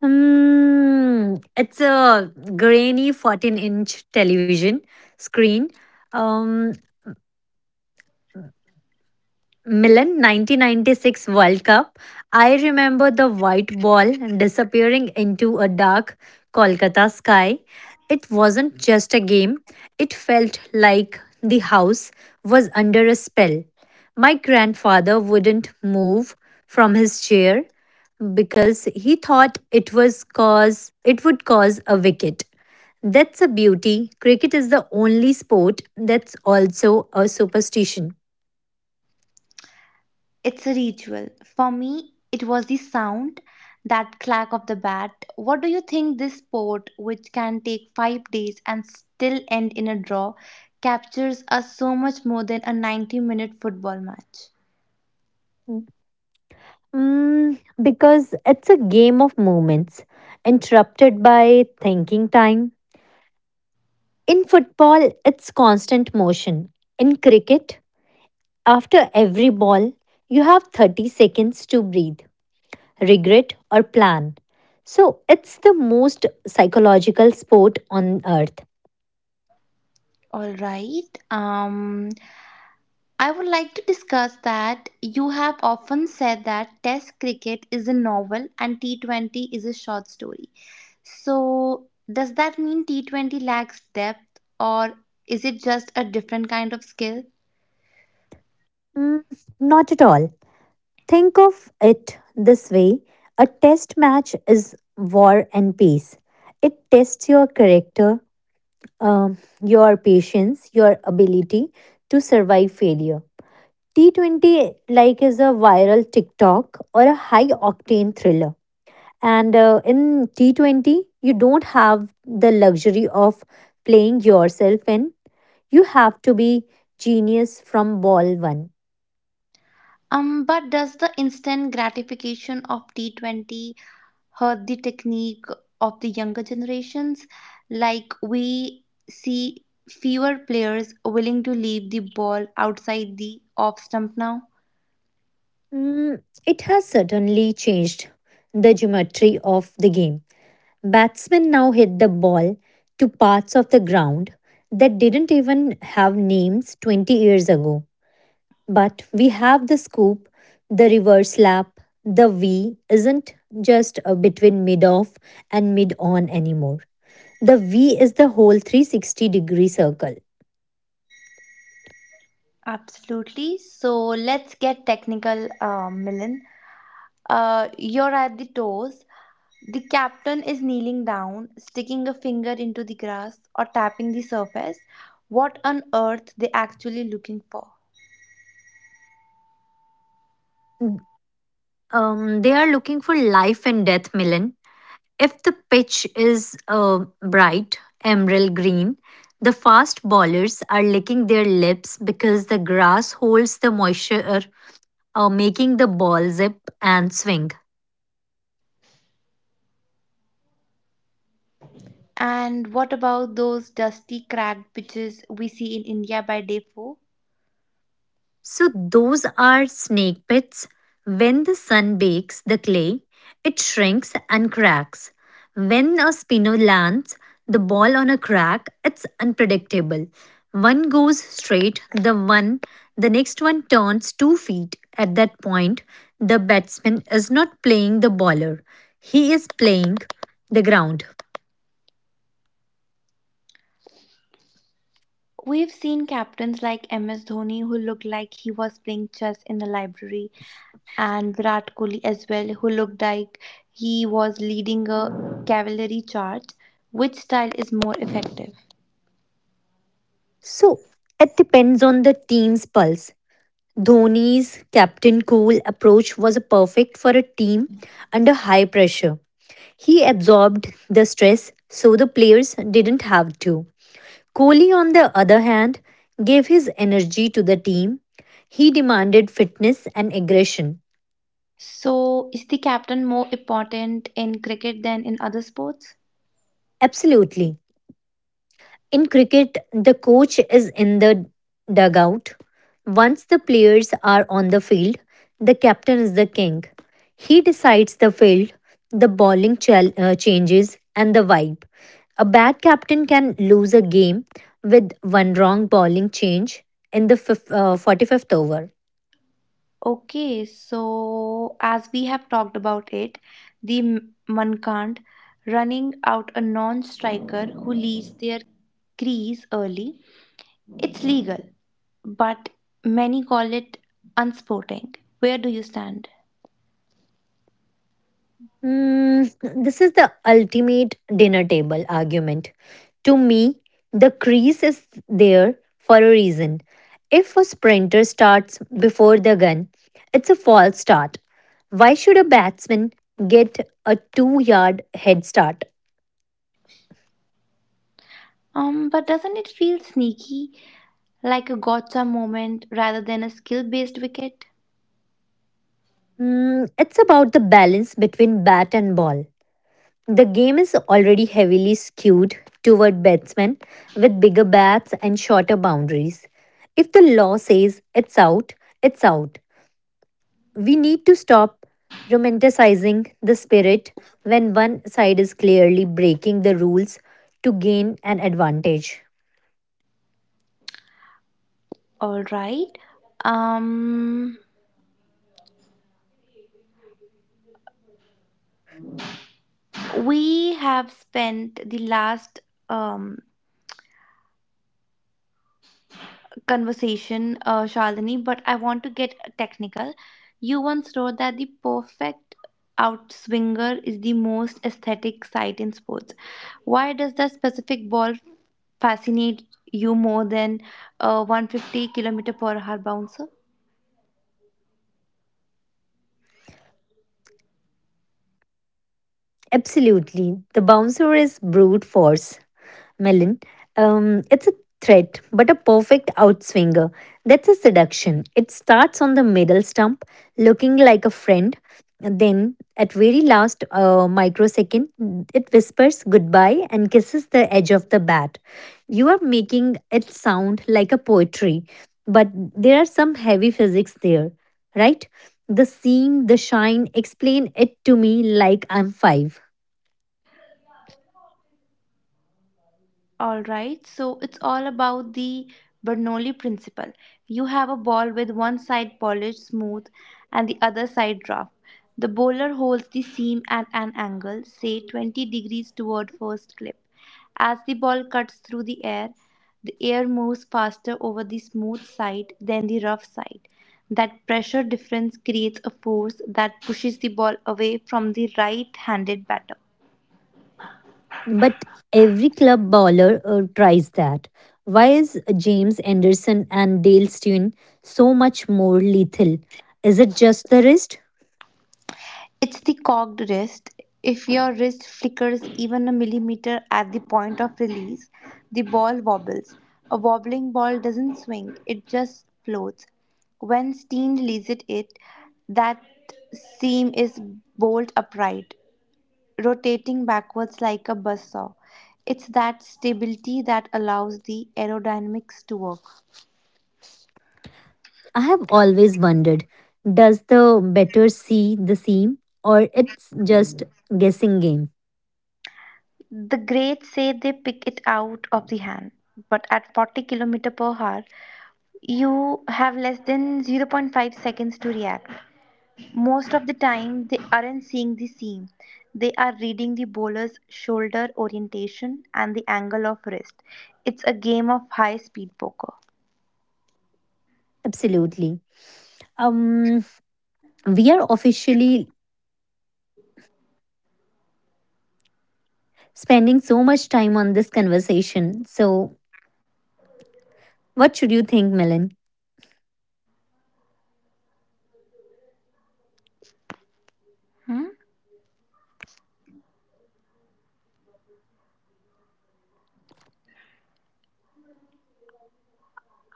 It's a grainy 14-inch television screen. Um, Milan 1996 World Cup, I remember the white ball disappearing into a dark Kolkata sky. It wasn't just a game, it felt like the house was under a spell. My grandfather wouldn't move from his chair because he thought it was cause it would cause a wicket. That's a beauty. Cricket is the only sport that's also a superstition. It's a ritual. For me, it was the sound, that clack of the bat. What do you think this sport, which can take 5 days and still end in a draw, captures us so much more than a 90-minute minute football match? Because it's a game of moments, interrupted by thinking time. In football, it's constant motion. In cricket, after every ball, you have 30 seconds to breathe, regret, or plan. So it's the most psychological sport on earth. All right. I would like to discuss that you have often said that Test cricket is a novel and T20 is a short story. So, does that mean T20 lacks depth or is it just a different kind of skill? Mm, Not at all. Think of it this way, a test match is War and Peace. It tests your character, um, your patience, your ability to survive failure. T20 like is a viral TikTok or a high octane thriller. And In T20, you don't have the luxury of playing yourself in. You have to be genius from ball one. But does the instant gratification of T20 hurt the technique of the younger generations? Like, we see fewer players willing to leave the ball outside the off stump now. It has certainly changed the geometry of the game. Batsmen now hit the ball to parts of the ground that didn't even have names 20 years ago. But we have the scoop, the reverse lap, the V isn't just between mid off and mid on anymore. The V is the whole 360-degree circle. Absolutely. So let's get technical, Milan. You're at the toes. The captain is kneeling down, sticking a finger into the grass or tapping the surface. What on earth they actually looking for? Mm, they are looking for life and death, Milan. If the pitch is bright emerald green, the fast bowlers are licking their lips because the grass holds the moisture, making the ball zip and swing. And what about those dusty, cracked pitches we see in India by day four? So, those are snake pits. When the sun bakes the clay, it shrinks and cracks. When a spinner lands the ball on a crack, it's unpredictable. One goes straight, the next one turns 2 feet. At that point, the batsman is not playing the bowler; he is playing the ground. We've seen captains like MS Dhoni who looked like he was playing chess in the library, and Virat Kohli as well, who looked like he was leading a cavalry charge. Which style is more effective? So, it depends on the team's pulse. Dhoni's captain cool approach was perfect for a team under high pressure. He absorbed the stress so the players didn't have to. Kohli, on the other hand, gave his energy to the team. He demanded fitness and aggression. So, is the captain more important in cricket than in other sports? Absolutely. In cricket, the coach is in the dugout. Once the players are on the field, the captain is the king. He decides the field, the changes, and the vibe. A bad captain can lose a game with one wrong bowling change in the 45th over. Okay, so as we have talked about it, the Mankand running out a non striker who leaves their crease early, it's legal, but many call it unsporting. Where do you stand? This is the ultimate dinner table argument. To me, the crease is there for a reason. If a sprinter starts before the gun, it's a false start. Why should a batsman get a 2 yard head start? But doesn't it feel sneaky, like a gotcha moment rather than a skill-based wicket? It's about the balance between bat and ball. The game is already heavily skewed toward batsmen with bigger bats and shorter boundaries. If the law says it's out, it's out. We need to stop romanticizing the spirit when one side is clearly breaking the rules to gain an advantage. All right. Um, we have spent the last um conversation, Shalini, but I want to get technical. You once wrote that the perfect outswinger is the most aesthetic sight in sports. Why does that specific ball fascinate you more than a 150 kilometer per hour bouncer? Absolutely, the bouncer is brute force. Melon, it's a threat, but a perfect outswinger. That's a seduction. It starts on the middle stump, looking like a friend. And then, at very last microsecond, it whispers goodbye and kisses the edge of the bat. You are making it sound like a poetry, but there are some heavy physics there, right? The scene, the shine, explain it to me like I'm five. All right, so it's all about the Bernoulli principle. You have a ball with one side polished smooth and the other side rough. The bowler holds the seam at an angle, say 20 degrees toward first clip. As the ball cuts through the air moves faster over the smooth side than the rough side. That pressure difference creates a force that pushes the ball away from the right handed batter. But every club baller tries that. Why is James Anderson and Dale Steyn so much more lethal? Is it just the wrist? It's the cocked wrist. If your wrist flickers even a millimeter at the point of release, the ball wobbles. A wobbling ball doesn't swing, it just floats. When Steen releases it, that seam is bolt upright, rotating backwards like a buzzsaw. It's that stability that allows the aerodynamics to work. I have always wondered. Does the better see the seam or it's just guessing game? The greats say they pick it out of the hand, but at 40 km per hour, you have less than 0.5 seconds to react. Most of the time, they aren't seeing the seam. They are reading the bowler's shoulder orientation and the angle of wrist. It's a game of high speed poker. Absolutely. Um we are officially spending so much time on this conversation. So what should you think, Melon? Hmm?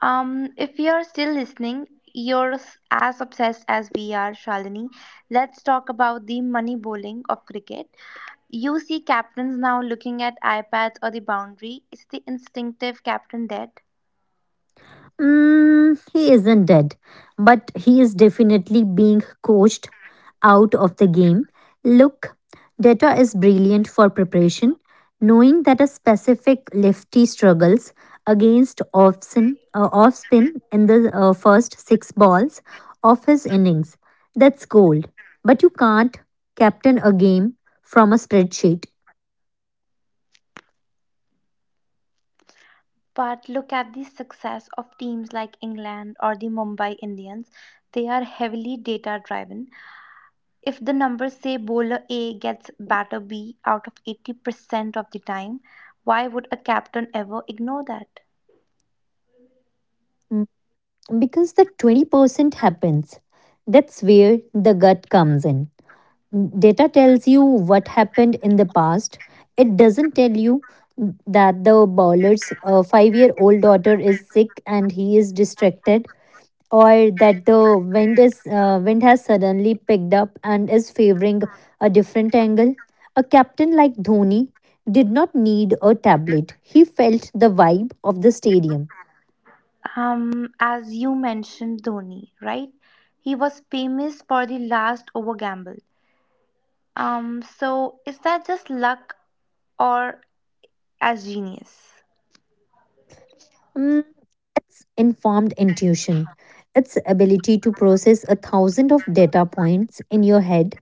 If you're still listening, as obsessed as we are, Shalini. Let's talk about the money bowling of cricket. You see captains now looking at iPads or the boundary. It's the instinctive captain dead. He isn't dead, but he is definitely being coached out of the game. Look, data is brilliant for preparation. Knowing that a specific lefty struggles against off spin in the first six balls of his innings, that's gold. But you can't captain a game from a spreadsheet. But look at the success of teams like England or the Mumbai Indians. They are heavily data driven. If the numbers say bowler A gets batter B out of 80% of the time, why would a captain ever ignore that? Mm, Because the 20% happens. That's where the gut comes in. Data tells you what happened in the past. It doesn't tell you that the bowler's 5 year old daughter is sick and he is distracted, or that the wind has suddenly picked up and is favoring a different angle. A captain like Dhoni did not need a tablet. He felt the vibe of the stadium. As you mentioned, Dhoni, right? He was famous for the last over gamble. So is that just luck or as genius? Mm, it's informed intuition, its ability to process a thousand of data points in your head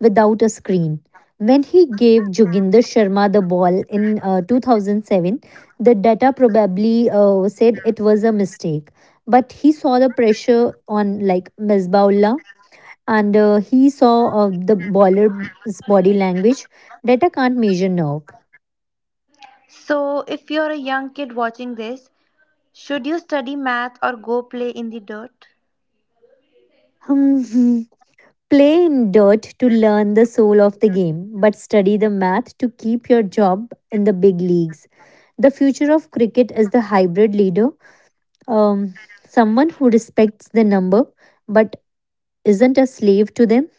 without a screen. When he gave Joginder Sharma the ball in 2007, the data probably said it was a mistake. But he saw the pressure on like Misbahullah, and he saw the bowler's body language. Data can't measure nerve. So, if you're a young kid watching this, should you study math or go play in the dirt? Hmm, Play in dirt to learn the soul of the game, but study the math to keep your job in the big leagues. The future of cricket is the hybrid leader, um, someone who respects the number but isn't a slave to them.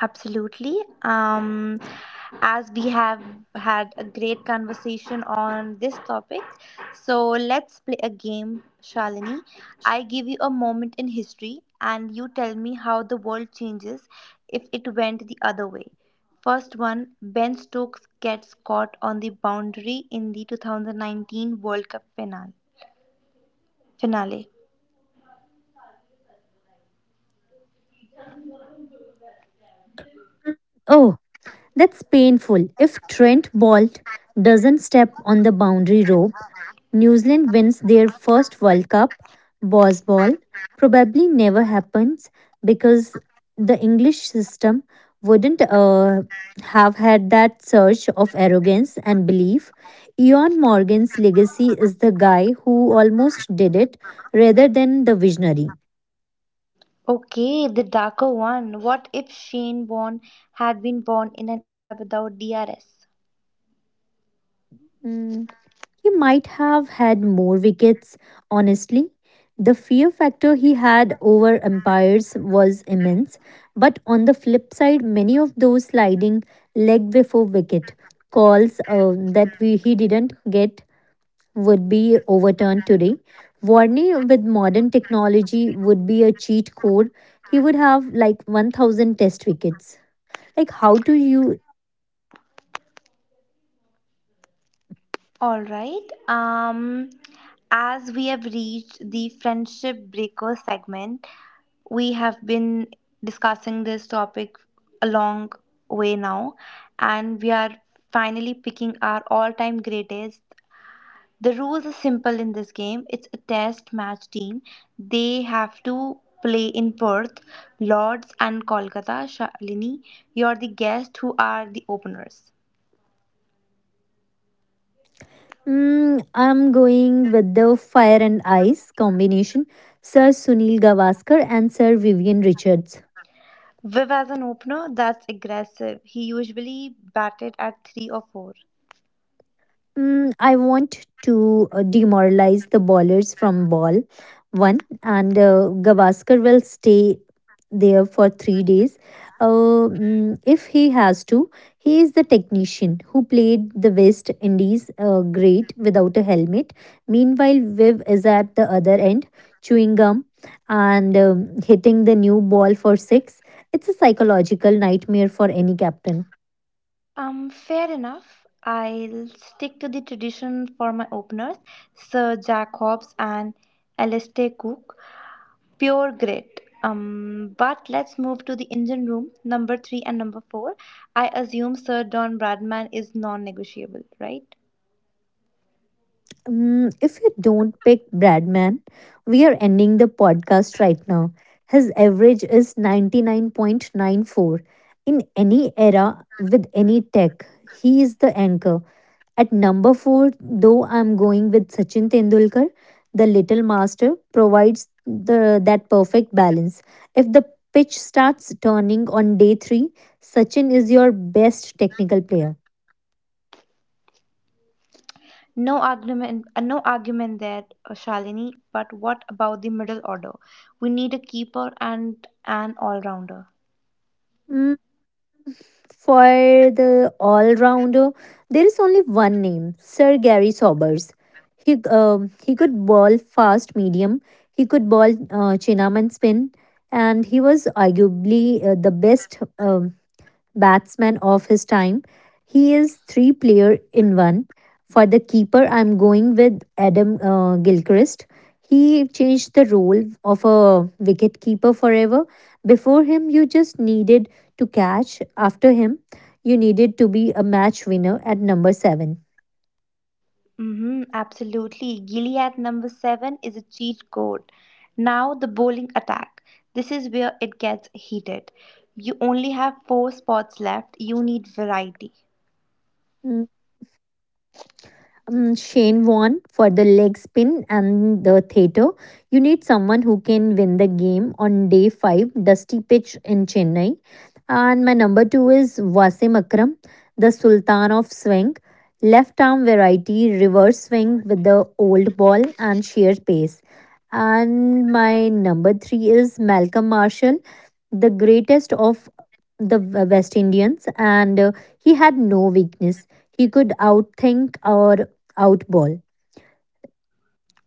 Absolutely. Um, as we have had a great conversation on this topic, so let's play a game, Shalini. I give you a moment in history and you tell me how the world changes if it went the other way. First one, Ben Stokes gets caught on the boundary in the 2019 World Cup finale. Oh, that's painful. If Trent Bolt doesn't step on the boundary rope, New Zealand wins their first World Cup. Bosball probably never happens because the English system wouldn't have had that surge of arrogance and belief. Eon Morgan's legacy is the guy who almost did it rather than the visionary. Okay, the darker one. What if Shane Warne had been born in an era without DRS? Mm. He might have had more wickets, honestly. The fear factor he had over umpires was immense, but on the flip side, many of those sliding leg before wicket calls that he didn't get would be overturned today. Warney, with modern technology, would be a cheat code. He would have like 1000 test wickets. Like, how do you Alright, as we have reached the friendship breaker segment, we have been discussing this topic a long way now, and we are finally picking our all time greatest. The rules are simple in this game. It's a test match team. They have to play in Perth, Lords, and Kolkata. Shalini, you're the guest, who are the openers? I'm going with the Fire and Ice combination, Sir Sunil Gavaskar and Sir Vivian Richards. Viv as an opener, that's aggressive. He usually batted at three or four. I want to demoralize the bowlers from ball one, and Gavaskar will stay there for 3 days. If he has to, he is the technician who played the West Indies great without a helmet. Meanwhile, Viv is at the other end chewing gum and hitting the new ball for six. It's a psychological nightmare for any captain. Fair enough. I'll stick to the tradition for my openers, Sir Jack Hobbs and Alistair Cook. Pure grit. But let's move to the engine room, number three and number four. I assume Sir Don Bradman is non-negotiable, right? If you don't pick Bradman, we are ending the podcast right now. His average is 99.94. In any era with any tech, he is the anchor. At number four, though I'm going with Sachin Tendulkar, the little master provides the that perfect balance. If the pitch starts turning on day three, Sachin is your best technical player. No argument, no argument there, Shalini. But what about the middle order? We need a keeper and an all-rounder. Mm, For the all rounder, there is only one name, Sir Gary Sobers. He he could bowl fast medium, he could bowl chin arm and spin, and he was arguably the best batsman of his time. He is three player in one. For the keeper, I'm going with Adam Gilchrist. He changed the role of a wicket keeper forever. Before him, you just needed to catch. After him, you needed to be a match winner at number seven. Mm-hmm, absolutely. Gilead number seven is a cheat code. Now the bowling attack. This is where it gets heated. You only have four spots left. You need variety. Mm, Shane Warne for the leg spin and the theatre. You need someone who can win the game on day five, dusty pitch in Chennai. And my number two is Wasim Akram, the Sultan of Swing. Left arm variety, reverse swing with the old ball and sheer pace. And my number three is Malcolm Marshall, the greatest of the West Indians, and he had no weakness. He could outthink or outball.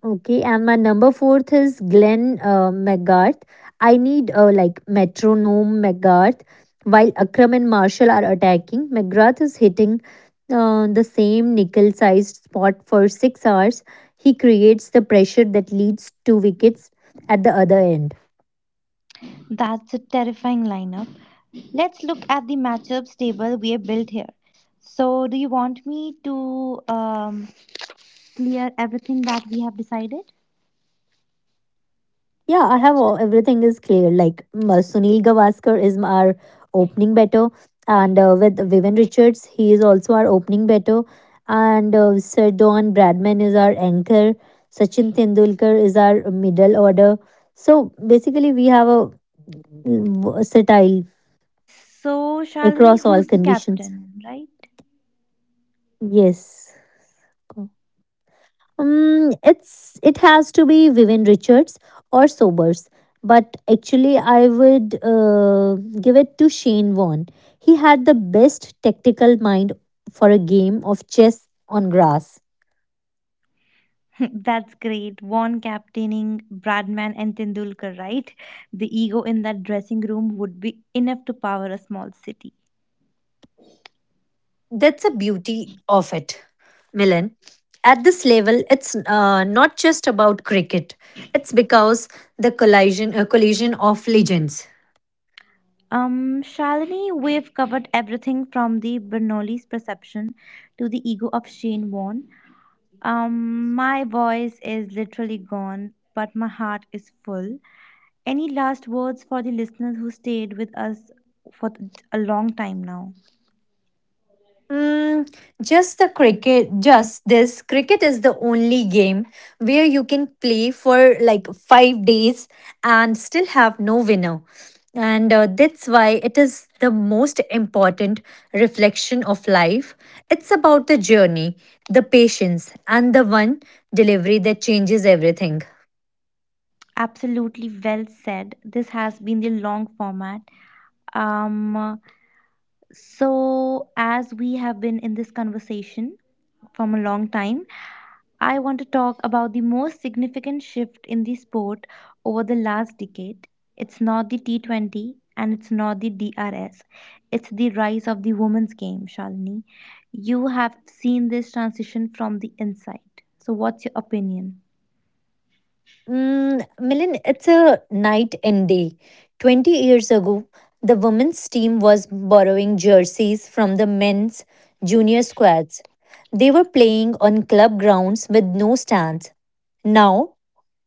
Okay, and my number fourth is Glenn McGrath. I need like metronome McGrath. While Akram and Marshall are attacking, McGrath is hitting the same nickel-sized spot for 6 hours. He creates the pressure that leads to wickets at the other end. That's a terrifying lineup. Let's look at the matchups table we have built here. So, do you want me to clear everything that we have decided? Yeah, I have everything is clear. Like Sunil Gavaskar is our opening batter, and with Vivian Richards, he is also our opening batter, and Sir Don Bradman is our anchor. Sachin Tendulkar is our middle order. So basically, we have a versatile So, Shalini, across all who's the conditions. captain, right? Yes. It's it has to be Vivian Richards or Sobers. But actually, I would give it to Shane Vaughan. He had the best tactical mind for a game of chess on grass. That's great. One captaining Bradman and Tendulkar, right? The ego in that dressing room would be enough to power a small city. That's a beauty of it, Milan. At this level, it's not just about cricket. It's because the collision of legends. Shalini, we've covered everything from the Bernoulli's perception to the ego of Shane Warne. My voice is literally gone, but my heart is full. Any last words for the listeners who stayed with us for a long time now? Mm, just the cricket, just this cricket is the only game where you can play for like 5 days and still have no winner. And that's why it is the most important reflection of life. It's about the journey, the patience, and the one delivery that changes everything. Absolutely well said. This has been the long format. Um, so, as we have been in this conversation from a long time, I want to talk about the most significant shift in the sport over the last decade. It's not the T20 and it's not the DRS. It's the rise of the women's game, Shalini. You have seen this transition from the inside. So, what's your opinion? Milan, it's a night and day. 20 years ago, the women's team was borrowing jerseys from the men's junior squads. They were playing on club grounds with no stands. Now,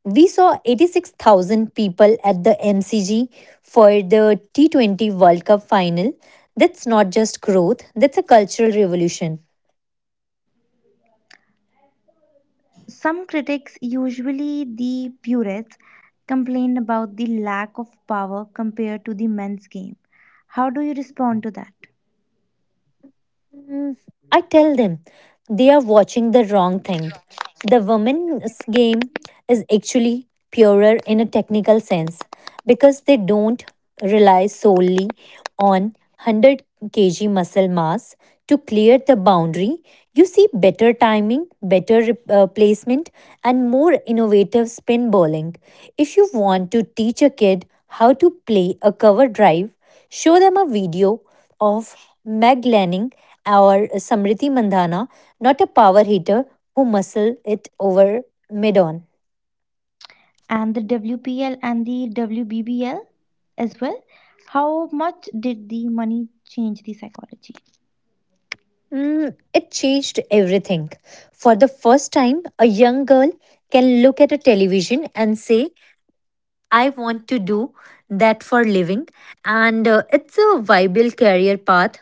we saw 86,000 people at the MCG for the T20 World Cup final. That's not just growth, that's a cultural revolution. Some critics, usually the purists, complain about the lack of power compared to the men's game. How do you respond to that? Mm, I tell them they are watching the wrong thing. The women's game is actually purer in a technical sense because they don't rely solely on 100 kg muscle mass to clear the boundary. You see better timing, better placement, and more innovative spin bowling. If you want to teach a kid how to play a cover drive, show them a video of Meg Lanning or Samriti Mandhana, not a power hitter who muscle it over mid on. And the WPL and the WBBL as well. How much did the money change the psychology? Mm, it changed everything. For the first time, a young girl can look at a television and say, I want to do that for living. And it's a viable career path,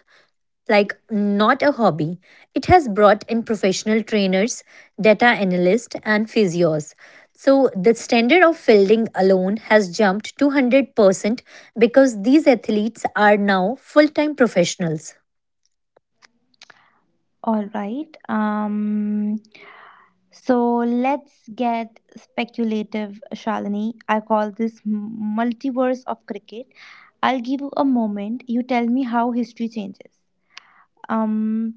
like not a hobby. It has brought in professional trainers, data analysts, and physios. So the standard of fielding alone has jumped 200% because these athletes are now full time professionals. All right. So let's get speculative, Shalini. I call this multiverse of cricket. I'll give you a moment. You tell me how history changes. Um,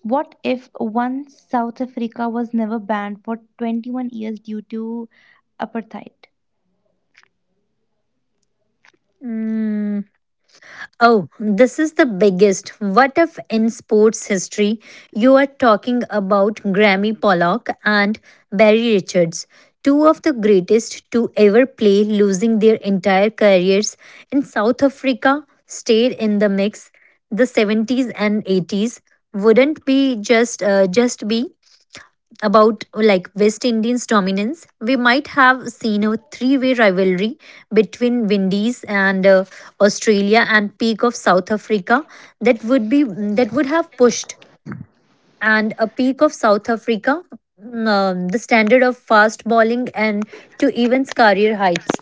what if once South Africa was never banned for 21 years due to apartheid? Mm, oh, this is the biggest what if in sports history. You are talking about Grammy Pollock and Barry Richards, two of the greatest to ever play, losing their entire careers in South Africa, stayed in the mix. The 70s and 80s wouldn't be just be about like West Indians dominance. We might have seen a three-way rivalry between Windies and Australia and peak of South Africa that would be that would have pushed and a peak of South Africa, the standard of fast bowling and to evens career heights.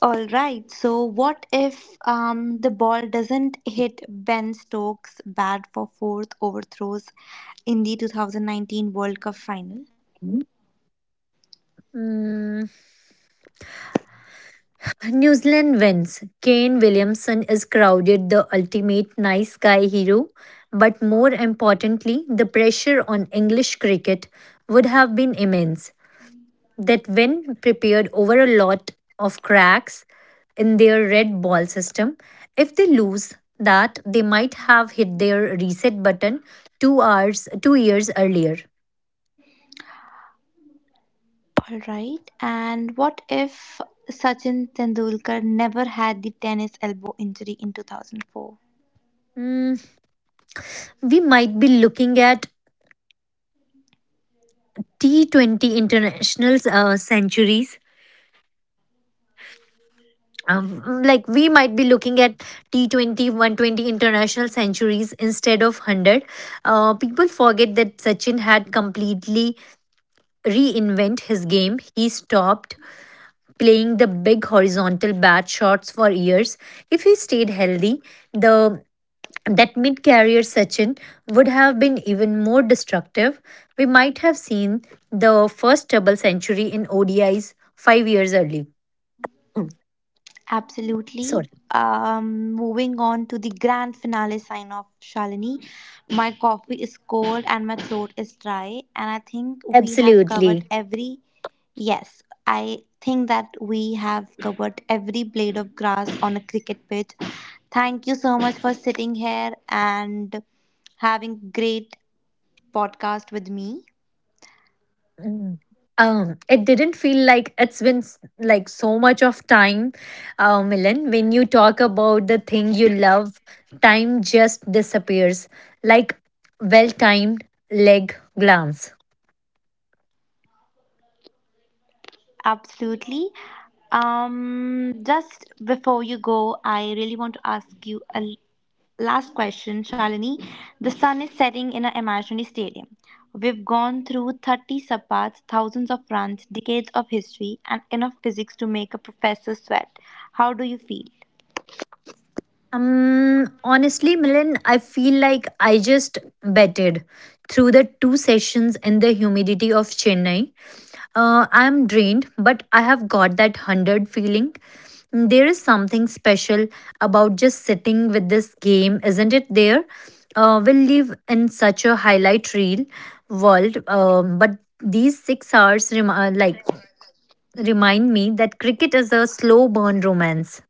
All right. So, what if the ball doesn't hit Ben Stokes' bat for fourth overthrows in the 2019 World Cup final? Mm, New Zealand wins. Kane Williamson is crowded the ultimate nice guy hero, but more importantly, the pressure on English cricket would have been immense. That win prepared over a lot of cracks in their red ball system. If they lose that, they might have hit their reset button 2 hours, 2 years earlier. All right. And what if Sachin Tendulkar never had the tennis elbow injury in 2004? Hmm, we might be looking at T20 internationals, centuries, like we might be looking at t 2120 international centuries instead of 100. People forget that Sachin had completely reinvent his game. He stopped playing the big horizontal bat shots for years. If he stayed healthy, the that mid career Sachin would have been even more destructive. We might have seen the first double century in ODIs 5 years early. Mm, Absolutely. sorry. Moving on to the grand finale sign off, Shalini. My coffee is cold and my throat is dry, and I think we have covered Absolutely. every. Yes, I think that we have covered every blade of grass on a cricket pitch. Thank you so much for sitting here and having great podcast with me. Mm. It didn't feel like it's been like so much of time, Milan. When you talk about the thing you love, time just disappears like well timed leg glance. Absolutely. Just before you go, I really want to ask you a last question, Shalini. The sun is setting in an imaginary stadium. We've gone through 30 sabbats, thousands of runs, decades of history, and enough physics to make a professor sweat. How do you feel? Honestly, Milan, I feel like I just betted through the two sessions in the humidity of Chennai. I'm drained, but I have got that 100 feeling. There is something special about just sitting with this game, isn't it? There, we live in such a highlight reel world, but these 6 hours like remind me that cricket is a slow burn romance.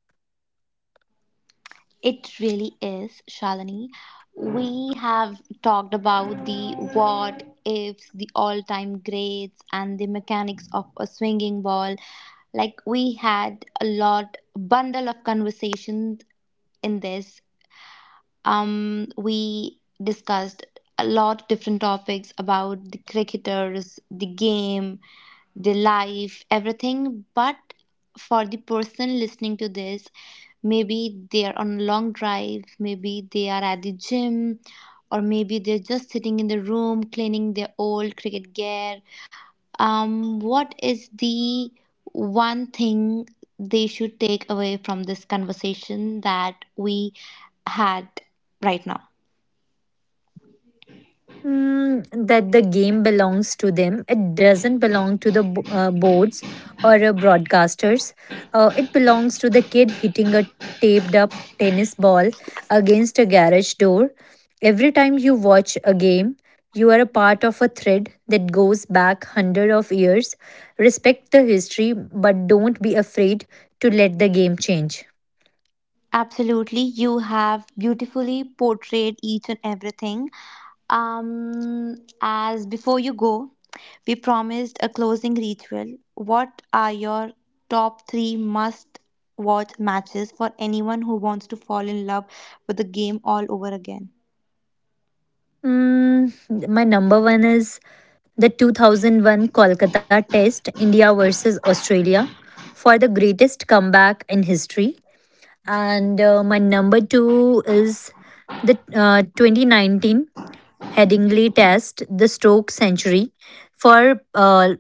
It really is, Shalini. We have talked about the what ifs, the all time greats, and the mechanics of a swinging ball. Like, we had a lot, bundle of conversations in this. We discussed a lot different topics about the cricketers, the game, the life, everything. But for the person listening to this, maybe they are on a long drive, maybe they are at the gym, or maybe they're just sitting in the room cleaning their old cricket gear. What is the one thing they should take away from this conversation that we had right now? Mm, that the game belongs to them. It doesn't belong to the boards or broadcasters. It belongs to the kid hitting a taped up tennis ball against a garage door. Every time you watch a game, you are a part of a thread that goes back hundred of years. Respect the history, but don't be afraid to let the game change. Absolutely, you have beautifully portrayed each and everything. As before you go, we promised a closing ritual. What are your top three must watch matches for anyone who wants to fall in love with the game all over again? Mm, my number one is the 2001 Kolkata Test, India versus Australia, for the greatest comeback in history. And my number two is the 2019 Headingley Test, the stroke century, for uh,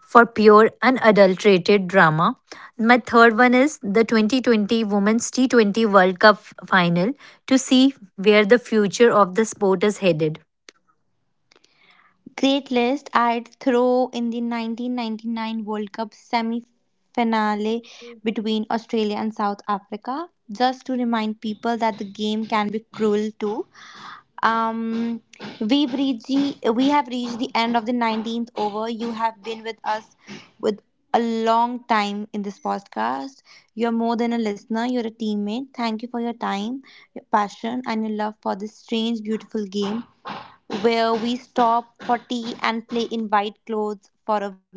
for pure unadulterated drama. My third one is the 2020 Women's T20 World Cup final to see where the future of the sport is headed. Great list. I'd throw in the 1999 World Cup semi finale between Australia and South Africa, just to remind people that the game can be cruel too. Um, we have reached the end of the 19th over. You have been with us with a long time in this podcast. You're more than a listener, you're a teammate. Thank you for your time, your passion, and your love for this strange, beautiful game where we stop for tea and play in white clothes for a week.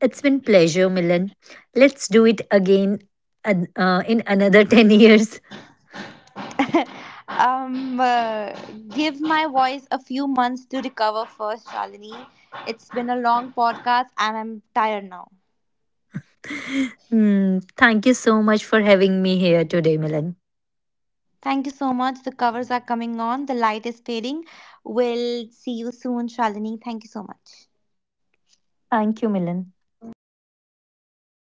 It's been pleasure, Milan. Let's do it again in another 10 years. Um, uh, Give my voice a few months to recover first, Shalini. It's been a long podcast and I'm tired now. Hmm, thank you so much for having me here today, Milan. Thank you so much. The covers are coming on, the light is fading. We'll see you soon, Shalini. Thank you so much. Thank you, Milan.